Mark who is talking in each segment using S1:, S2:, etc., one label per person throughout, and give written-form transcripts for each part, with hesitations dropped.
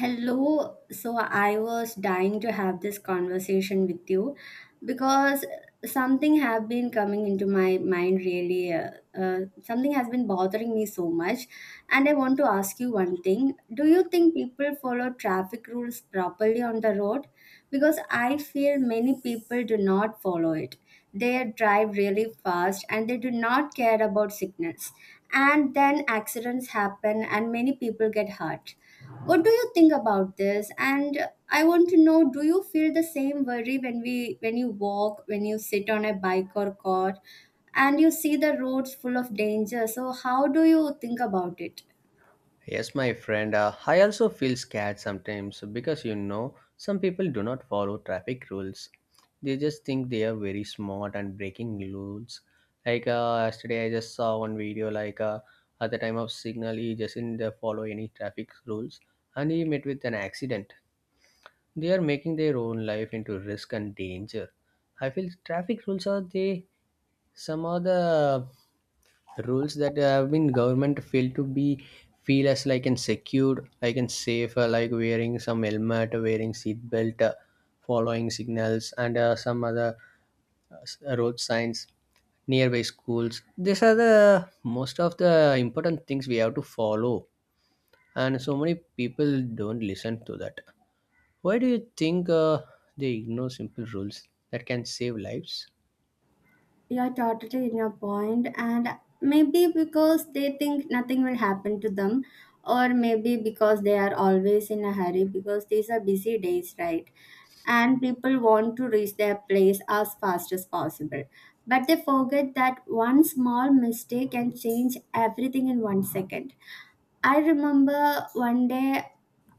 S1: Hello. So I was dying to have this conversation with you because something have been coming into my mind really something has been bothering me so much, and I want to ask you one thing. Do you think people follow traffic rules properly on the road? Because I feel many people do not follow it. They drive really fast and they do not care about signals, and then accidents happen and many people get hurt. What do you think about this? And I want to know, do you feel the same worry when we when you walk, when you sit on a bike or car, and you see the roads full of danger? So how do you think about it?
S2: Yes, my friend, I also feel scared sometimes because some people do not follow traffic rules. They just think they are very smart and breaking rules. Like yesterday, I just saw one video at the time of signal, he just didn't follow any traffic rules, and he met with an accident. They are making their own life into risk and danger. I feel traffic rules are they some other rules that have been government feel to be feel as like and secured like and safe, like wearing some helmet, wearing seat belt, following signals, and some other road signs nearby schools. These are the most of the important things we have to follow, and so many people don't listen to that. Why do you think they ignore simple rules that can save lives?
S1: You're totally in your point, and maybe because they think nothing will happen to them, or maybe because they are always in a hurry because these are busy days, right? And people want to reach their place as fast as possible. But they forget that one small mistake can change everything in one second. I remember one day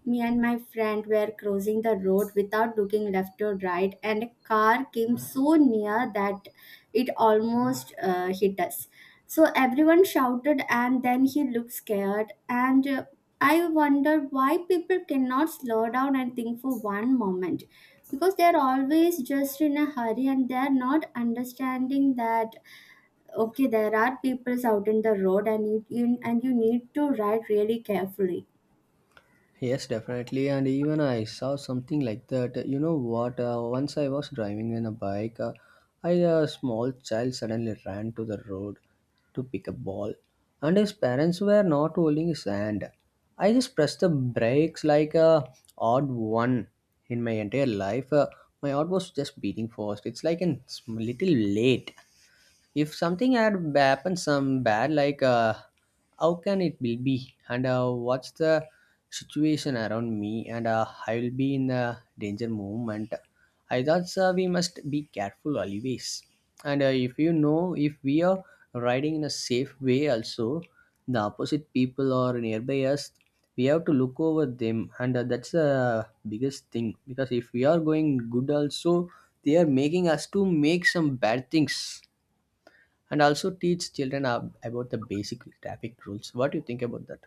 S1: me and my friend were crossing the road without looking left or right, and a car came so near that it almost hit us. So everyone shouted, and then he looked scared. And I wondered why people cannot slow down and think for one moment, because they are always just in a hurry and they are not understanding that okay, there are people out in the road and you and you need to ride really carefully.
S2: Yes, definitely. And even I saw something like that. You know what? Once I was driving in a bike, I a small child suddenly ran to the road to pick a ball, and his parents were not holding his hand. I just pressed the brakes like a odd one in my entire life. My heart was just beating fast. It's like a little late, if something had happened some bad, how can it will be, and what's the situation around me, and I will be in a danger moment. I thought, sir, we must be careful always, and if you know if we are riding in a safe way also, the opposite people or nearby us we have to look over them, and that's the biggest thing, because if we are going good also they are making us to make some bad things. And also teach children about the basic traffic rules. What do you think about that?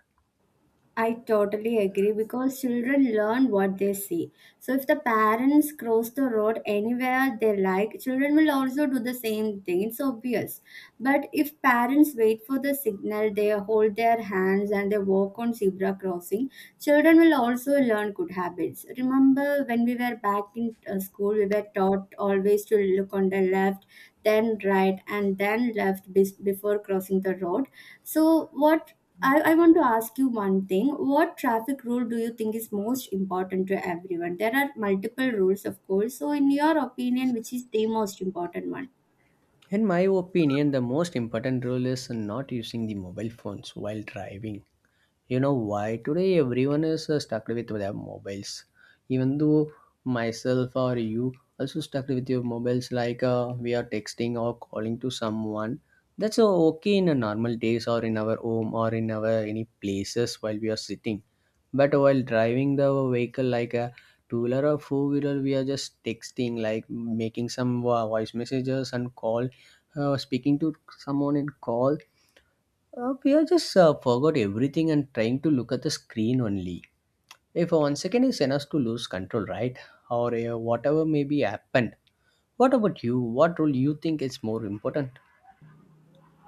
S1: I totally agree because children learn what they see. So if the parents cross the road anywhere they like, children will also do the same thing. It's obvious. But if parents wait for the signal, they hold their hands and they walk on zebra crossing, children will also learn good habits. Remember when we were back in school, we were taught always to look on the left, then right, and then left before crossing the road. So what I want to ask you one thing. What traffic rule do you think is most important to everyone? There are multiple rules, of course. So, in your opinion, which is the most important one?
S2: In my opinion, the most important rule is not using the mobile phones while driving. You know why? Today, everyone is stuck with their mobiles. Even though myself or you also stuck with your mobiles, we are texting or calling to someone. That's okay in a normal days or in our home or in our any places while we are sitting. But while driving the vehicle like a two wheeler or four wheeler, we are just texting, like making some voice messages and call, speaking to someone in call, we are just forgot everything and trying to look at the screen only. If 1 second is enough to lose control, right? Or whatever may be happened. What about you? What role you think is more important?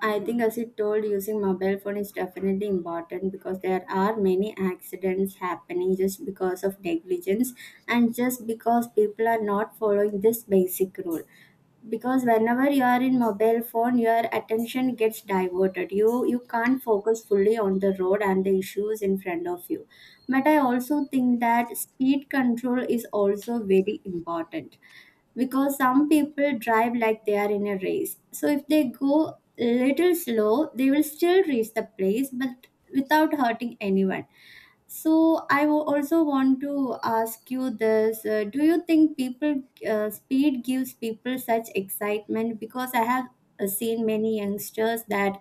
S1: I think, as you told, using mobile phone is definitely important because there are many accidents happening just because of negligence and just because people are not following this basic rule. Because whenever you are in mobile phone your attention gets diverted, you can't focus fully on the road and the issues in front of you. But I also think that speed control is also very important, because some people drive like they are in a race. So if they go little slow they will still reach the place, but without hurting anyone. So I also want to ask you this: Do you think people, speed gives people such excitement? Because I have seen many youngsters that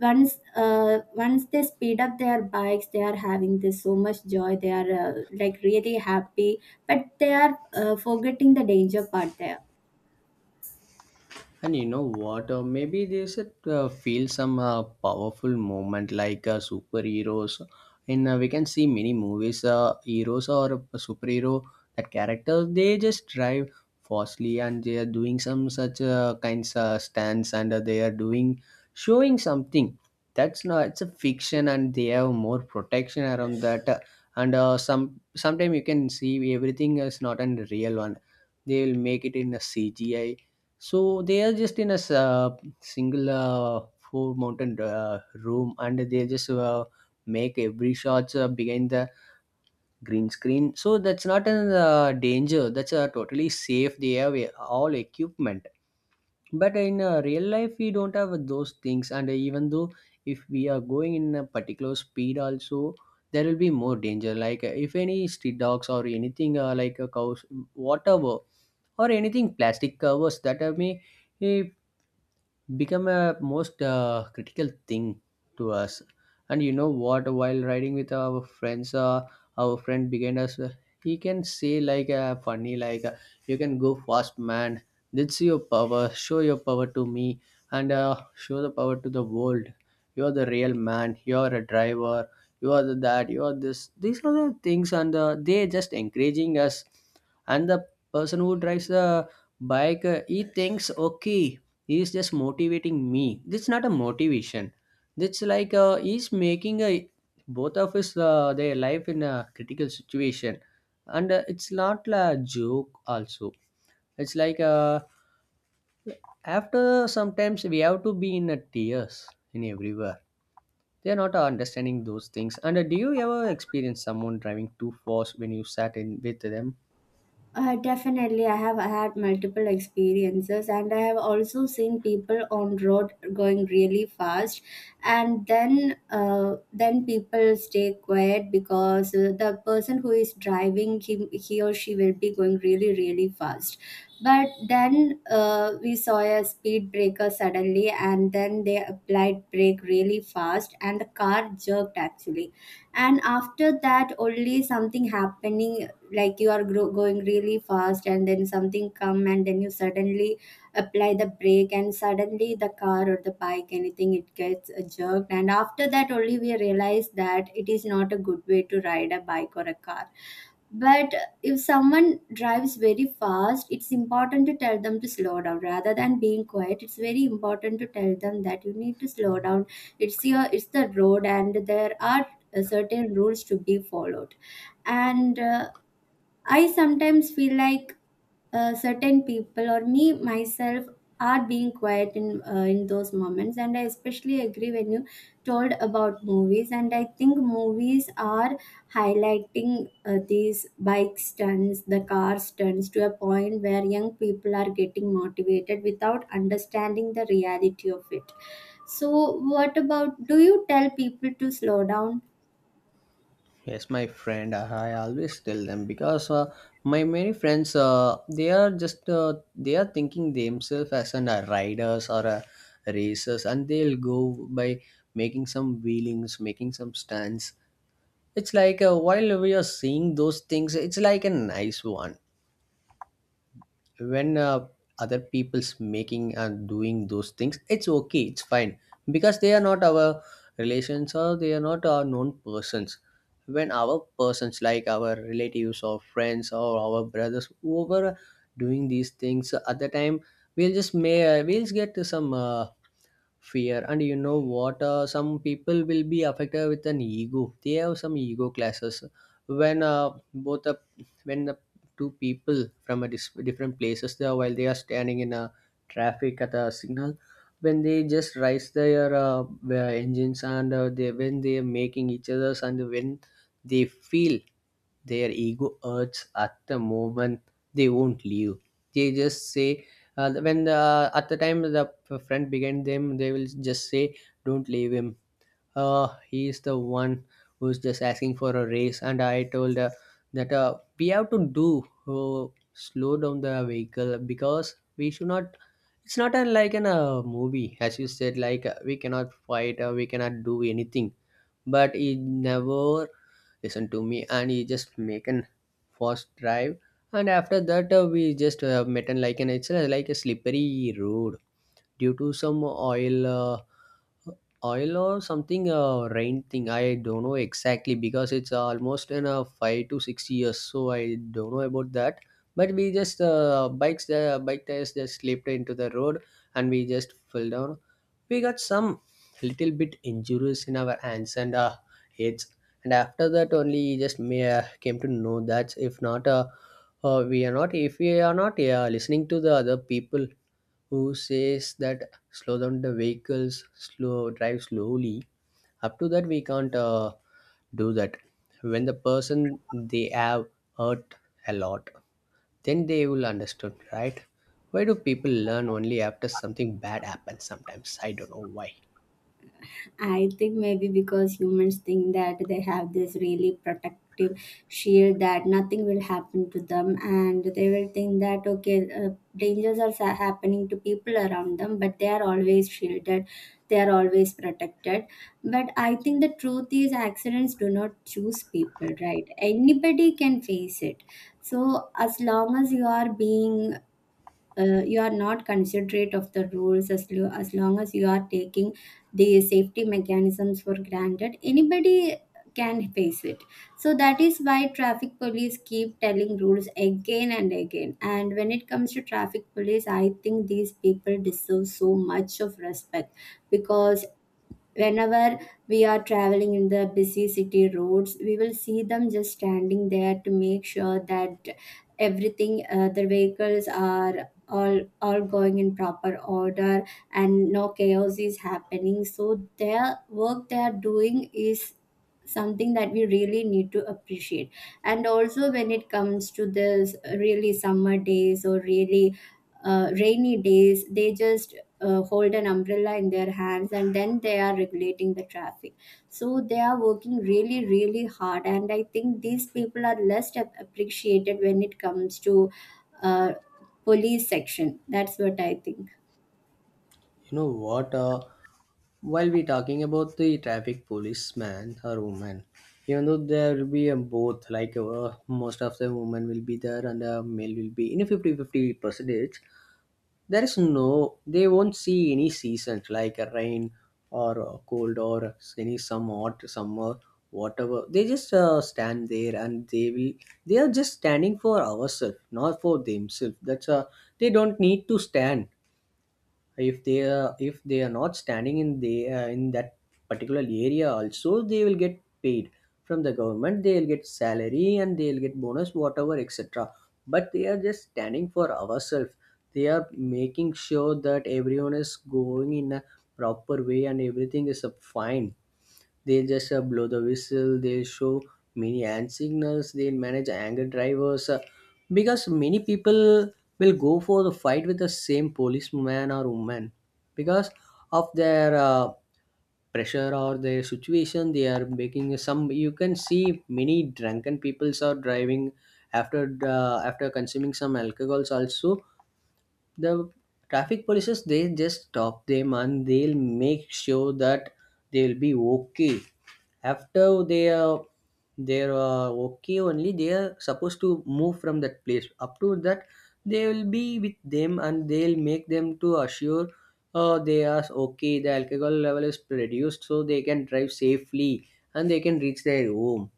S1: once they speed up their bikes, they are having this so much joy. They are like really happy, but they are forgetting the danger part there.
S2: And you know what? Maybe they should feel some powerful moment superheroes. And we can see many movies, heroes or a superhero, that characters they just drive fastly, and they are doing some such kinds of stunts, and they are doing showing something. That's not, it's a fiction and they have more protection around that. And some sometime you can see everything is not a real one. They will make it in a CGI, so they are just in a single, four mountain room, and they just make every shot behind the green screen. So that's not a danger. That's totally safe. They have all equipment. But in real life, we don't have those things. And even though if we are going in a particular speed, also there will be more danger. If any street dogs or anything like a cows, whatever, or anything plastic covers that have may eh, become a most critical thing to us. And you know what, while riding with our friends, our friend behind us, he can say funny, you can go fast, man, that's your power, show your power to me, and show the power to the world, you are the real man, you are a driver, you are the that, you are this, these are the things, and they just encouraging us. And the person who drives the bike, he thinks okay, he's just motivating me, this is not a motivation, that's he's making a both of us their life in a critical situation. And it's not a joke also, it's after sometimes we have to be in a tears in everywhere, they are not understanding those things. And do you ever experience someone driving too fast when you sat in with them?
S1: Definitely, I have had multiple experiences, and I have also seen people on road going really fast, and then people stay quiet because the person who is driving he or she will be going really really fast. But then we saw a speed breaker suddenly, and then they applied brake really fast, and the car jerked actually. And after that only something happening, like you are going really fast and then something come and then you suddenly apply the brake, and suddenly the car or the bike, anything, it gets jerked. And after that only we realize that it is not a good way to ride a bike or a car. But if someone drives very fast, it's important to tell them to slow down rather than being quiet. It's very important to tell them that you need to slow down. It's your, it's the road and there are certain rules to be followed. And I sometimes feel like certain people or me myself are being quiet in those moments, and I especially agree when you told about movies. And I think movies are highlighting these bike stunts, the car stunts, to a point where young people are getting motivated without understanding the reality of it. So, what about, do you tell people to slow down?
S2: Yes, my friend, I always tell them because my many friends, they are thinking themselves as riders or racers, and they'll go by making some wheelings, making some stunts. It's while we are seeing those things, it's like a nice one. When other people's making and doing those things, it's okay, it's fine, because they are not our relations or they are not our known persons. When our persons, like our relatives or friends or our brothers, whoever doing these things at the time, we'll just may we'll get some fear. And you know what, some people will be affected with an ego, they have some ego classes. When both the when the two people from a different places there, while they are standing in a traffic at a signal, when they just raise their engines, and they when they are making each other's, and when they feel their ego hurts at the moment, they won't leave. They just say, uh, when the, at the time the friend behind them, they will just say, don't leave him, he's the one who's just asking for a raise. And I told her that we have to do, uh, slow down the vehicle, because we should not. It's not a, like in a movie as you said, we cannot fight, we cannot do anything. But he never listened to me, and he just make an fast drive. And after that we just met, and like, and it's like a slippery road, due to some oil or something, rain thing, I don't know exactly, because it's almost in a 5 to 6 years, so I don't know about that. But we just bikes the bike tires just slipped into the road. And we just fell down. We got some little bit injuries in our hands and heads. And after that only, just may came to know that, if not we are not if we are not listening to the other people who says that, slow down the vehicles, slow, drive slowly, up to that we can't do that. When the person they have hurt a lot, then they will understand, right? Why do people learn only after something bad happens sometimes? I don't know why.
S1: I think maybe because humans think that they have this really protective shield that nothing will happen to them, and they will think that okay, dangers are happening to people around them, but they are always shielded, they are always protected. But I think the truth is, accidents do not choose people, right? Anybody can face it. So, as long as you are being you are not considerate of the rules, as as long as you are taking the safety mechanisms for granted, anybody can face it. So that is why traffic police keep telling rules again and again. And when it comes to traffic police, I think these people deserve so much of respect, because whenever we are traveling in the busy city roads we will see them just standing there to make sure that everything, their vehicles, are all going in proper order and no chaos is happening. So their work they are doing is something that we really need to appreciate. And also when it comes to this really summer days or really rainy days, they just hold an umbrella in their hands and then they are regulating the traffic. So they are working really really hard, and I think these people are less appreciated when it comes to uh, police section, that's what I think.
S2: You know what? While we talking about the traffic policeman or woman, even though there will be a both, most of the women will be there and the male will be in a fifty-fifty percentage, there is no, they won't see any seasons like a rain or cold or any some hot summer, whatever. They just stand there, and they are just standing for ourselves, not for themselves. That's they don't need to stand, if they are not standing in the in that particular area also, they will get paid from the government, they will get salary, and they will get bonus whatever, etc. But they are just standing for ourselves, they are making sure that everyone is going in a proper way, and everything is fine. They just blow the whistle, they show many hand signals, they manage anger drivers. Because many people will go for the fight with the same policeman or woman because of their pressure or their situation they are making some. You can see many drunken peoples are driving after after consuming some alcohols also. The traffic polices, they just stop them and they'll make sure that they'll be okay. After they are okay only, they are supposed to move from that place. Up to that they will be with them and they'll make them to assure they are okay, the alcohol level is reduced, so they can drive safely and they can reach their home.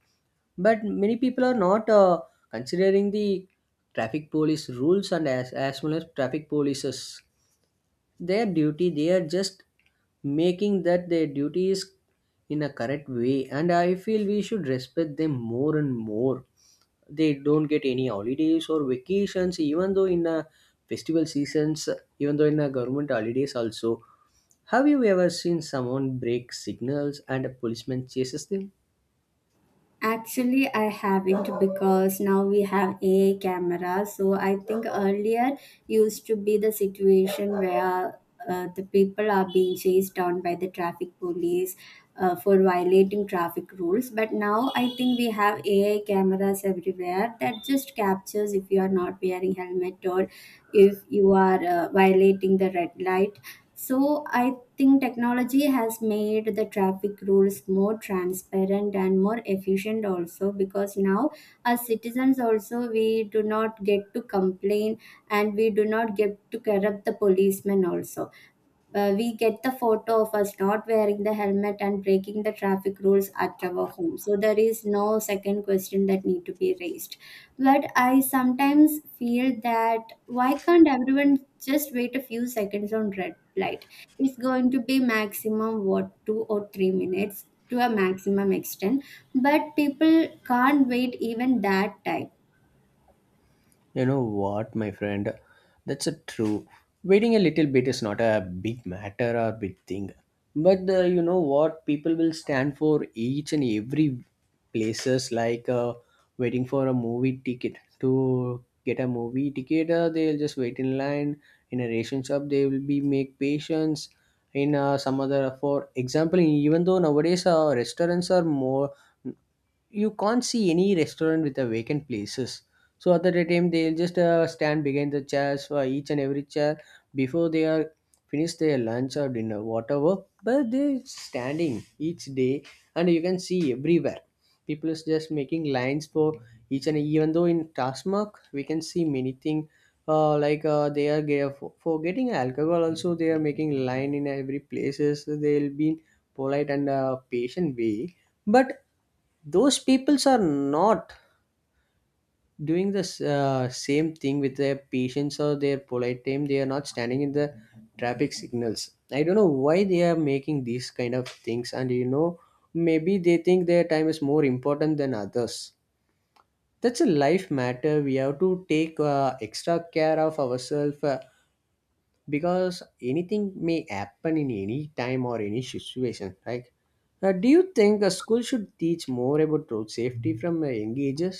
S2: But many people are not considering the traffic police rules, and as well as traffic polices, their duty, they are just making that their duty is in a correct way. And I feel we should respect them more and more. They don't get any holidays or vacations, even though in a festival seasons, even though in a government holidays also. Have you ever seen someone break signals and a policeman chases them?
S1: Actually, I haven't, because now we have a camera. So I think earlier used to be the situation where the people are being chased down by the traffic police for violating traffic rules. But now I think we have AI cameras everywhere that just captures if you are not wearing helmet or if you are violating the red light. So I think technology has made the traffic rules more transparent and more efficient also, because now as citizens also we do not get to complain, and we do not get to corrupt the policemen also. We get the photo of us not wearing the helmet and breaking the traffic rules at our home. So there is no second question that need to be raised. But I sometimes feel that why can't everyone just wait a few seconds on red light? It's going to be maximum what, two or three minutes to a maximum extent, but people can't wait even that time.
S2: You know what, my friend? That's a true. Waiting a little bit is not a big matter or big thing. But you know what? People will stand for each and every places, like waiting for a movie ticket to get a movie ticket. They'll just wait in line. In a ration shop, they will be make patience. In some other, for example, even though nowadays restaurants are more, you can't see any restaurant with a vacant places. So at the time they'll just stand behind the chairs for each and every chair before they are finish their lunch or dinner, whatever. But they're standing each day, and you can see everywhere people is just making lines for each, and even though in Tasmak we can see many things. Like they are for getting alcohol also, they are making line. In every places they'll be polite and patient way. But those peoples are not doing the same thing with their patience or their polite time. They are not standing in the traffic signals. I don't know why they are making these kind of things. And you know, maybe they think their time is more important than others. That's a life matter. We have to take extra care of ourselves, because anything may happen in any time or any situation, right? Do you think a school should teach more about road safety from a young ages?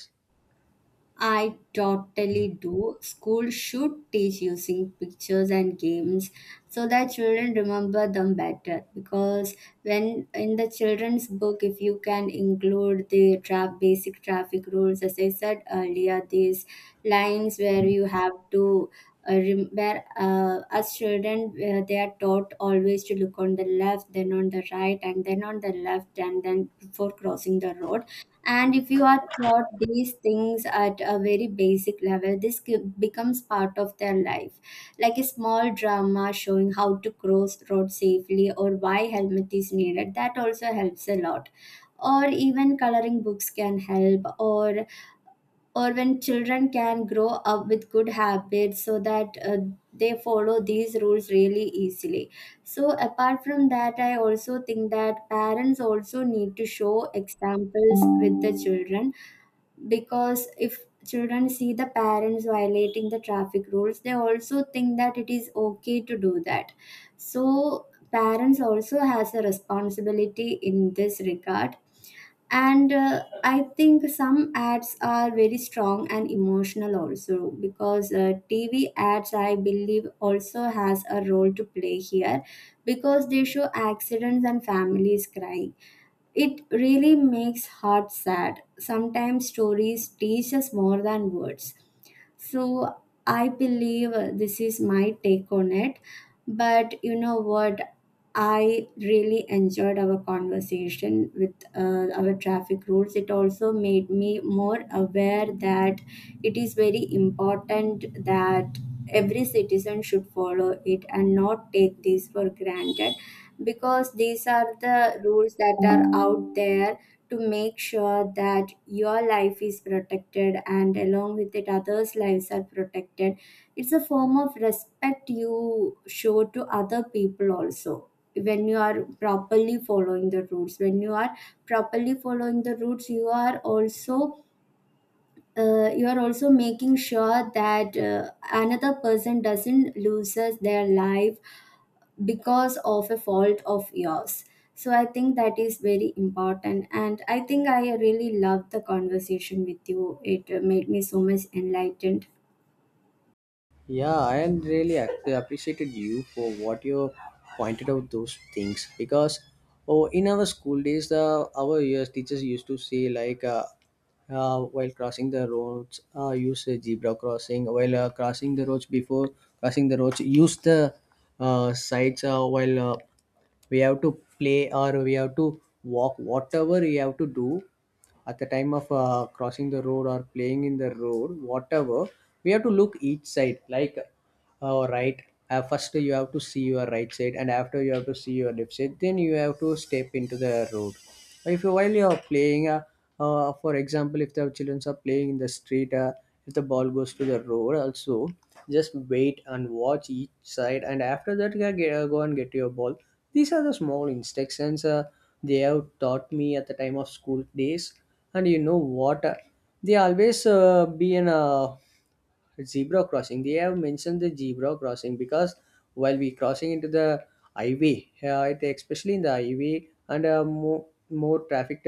S1: I totally do. School should teach using pictures and games so that children remember them better. Because when in the children's book, if you can include the basic traffic rules, as I said earlier, these lines where you have to rem- where as children they are taught always to look on the left, then on the right, and then on the left, and then before crossing the road. And if you are taught these things at a very basic level, this becomes part of their life, like a small drama showing how to cross road safely or why helmet is needed, that also helps a lot. Or even coloring books can help, or when children can grow up with good habits so that they follow these rules really easily. So apart from that, I also think that parents also need to show examples with the children, because if children see the parents violating the traffic rules they also think that it is okay to do that. So parents also has a responsibility in this regard. And I think some ads are very strong and emotional also, because TV ads I believe also has a role to play here, because they show accidents and families crying. It really makes heart sad. Sometimes stories teach us more than words. So I believe this is my take on it. But you know what, I really enjoyed our conversation with our traffic rules. It also made me more aware that it is very important that every citizen should follow it and not take these for granted, because these are the rules that are out there to make sure that your life is protected, and along with it others lives are protected. It's a form of respect you show to other people also. When you are properly following the rules, you are also making sure that another person doesn't loses their life because of a fault of yours. So I think that is very important, and I think I really loved the conversation with you. It made me so much enlightened.
S2: Yeah, I am really appreciated you for what you pointed out those things, because oh, in our school days, the our years teachers used to say like while crossing the roads, use a zebra crossing. While crossing the roads, before crossing the roads, use the sides. While we have to play or we have to walk, whatever we have to do, at the time of crossing the road or playing in the road, whatever, we have to look each side, like all right. First, you have to see your right side, and after you have to see your left side. Then you have to step into the road. If you, while you are playing, for example, if the children are playing in the street, if the ball goes to the road, also just wait and watch each side, and after that, you get, go and get your ball. These are the small instructions they have taught me at the time of school days. And you know what? They always be in a zebra crossing. They have mentioned the zebra crossing because while we crossing into the highway, it, especially in the highway and more trafficked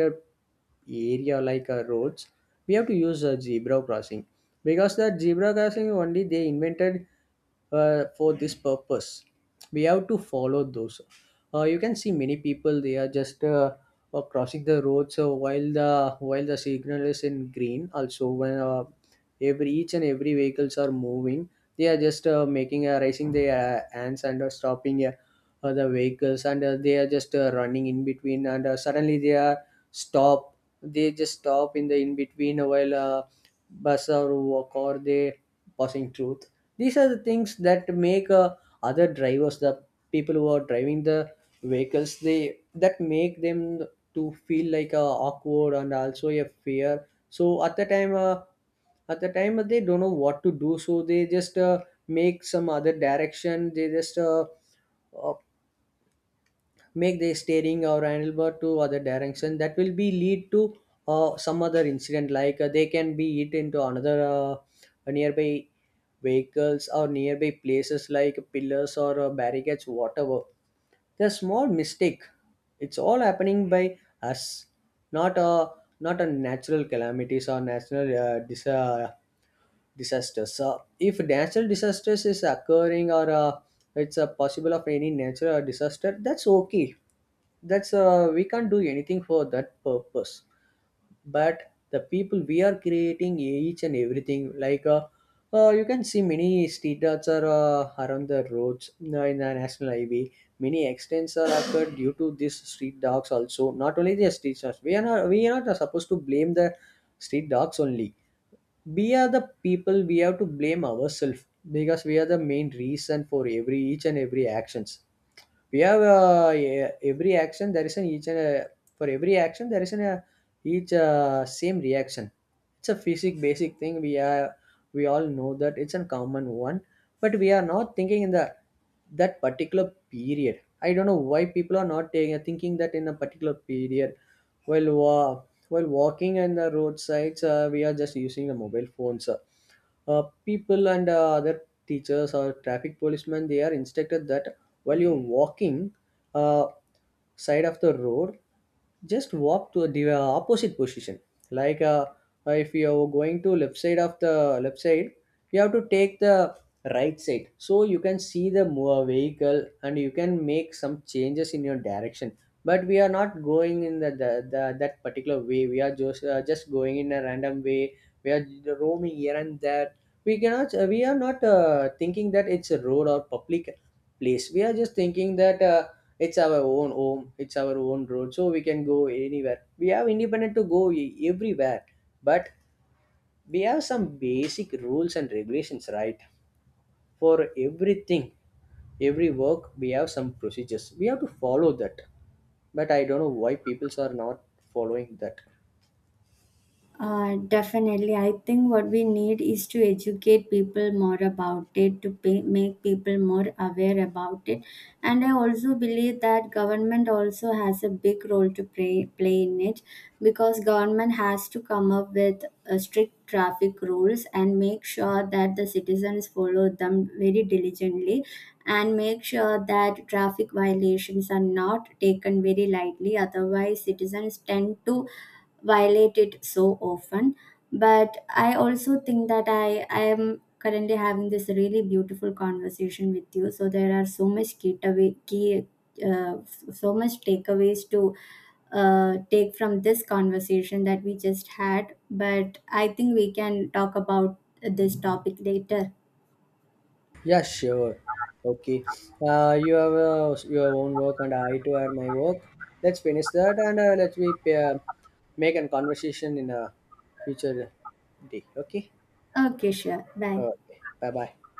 S2: area like roads, we have to use a zebra crossing, because that zebra crossing only they invented for this purpose. We have to follow those. You can see many people, they are just crossing the road, so while the signal is in green also, when every each and every vehicles are moving, they are just making, raising their hands and stopping, the vehicles, and they are just running in between, and suddenly they are stop. They just stop in the in between while bus or walk or they passing through. These are the things that make other drivers, the people who are driving the vehicles, they that make them to feel like awkward and also a fear. So at the time, at the time, they don't know what to do, so they just make some other direction. They just uh, make the steering or handlebar to other direction, that will be lead to some other incident, like they can be hit into another nearby vehicles or nearby places like pillars or barricades, whatever. The small mistake, it's all happening by us, not a not a natural calamities or natural disasters. So, if natural disasters is occurring, or it's a possible of any natural disaster, that's okay. That's We can't do anything for that purpose. But the people, we are creating each and everything, like. You can see many street arts are around the roads in the national highway. Many accidents are occurred due to these street dogs also. Not only the street dogs. We are not supposed to blame the street dogs only. We are the people. We have to blame ourselves, because we are the main reason for every each and every actions. We have every action there is an each, and a, for every action there is an a, each same reaction. It's a basic thing. We all know that, it's a common one, but we are not thinking in the that particular period. I don't know why people are not taking thinking that in a particular period. while wa- while walking on the roadsides, we are just using the mobile phones, uh, people, and other teachers or traffic policemen, they are instructed that while you're walking uh, side of the road, just walk to the opposite position, like if you are going to left side of the left side, you have to take the right side, so you can see the vehicle and you can make some changes in your direction. But we are not going in the that particular way. We are just going in a random way. We are roaming here and there. We are not thinking that it's a road or public place. We are just thinking that it's our own home, it's our own road, so we can go anywhere, we have independent to go everywhere. But we have some basic rules and regulations, right? For everything, every work, we have some procedures, we have to follow that. But I don't know why peoples are not following that.
S1: Definitely. I think what we need is to educate people more about it, to make people more aware about it. And I also believe that government also has a big role to play in it, because government has to come up with strict traffic rules and make sure that the citizens follow them very diligently, and make sure that traffic violations are not taken very lightly, otherwise citizens tend to violate it so often. But I also think that I am currently having this really beautiful conversation with you. So there are so much key uh, so much takeaways to take from this conversation that we just had. But I think we can talk about this topic later.
S2: Yeah, sure. Okay. You have your own work, and I too have my work. Let's finish that, and let's we make a conversation in a future day, okay?
S1: Okay, sure. Bye.
S2: Okay, bye bye.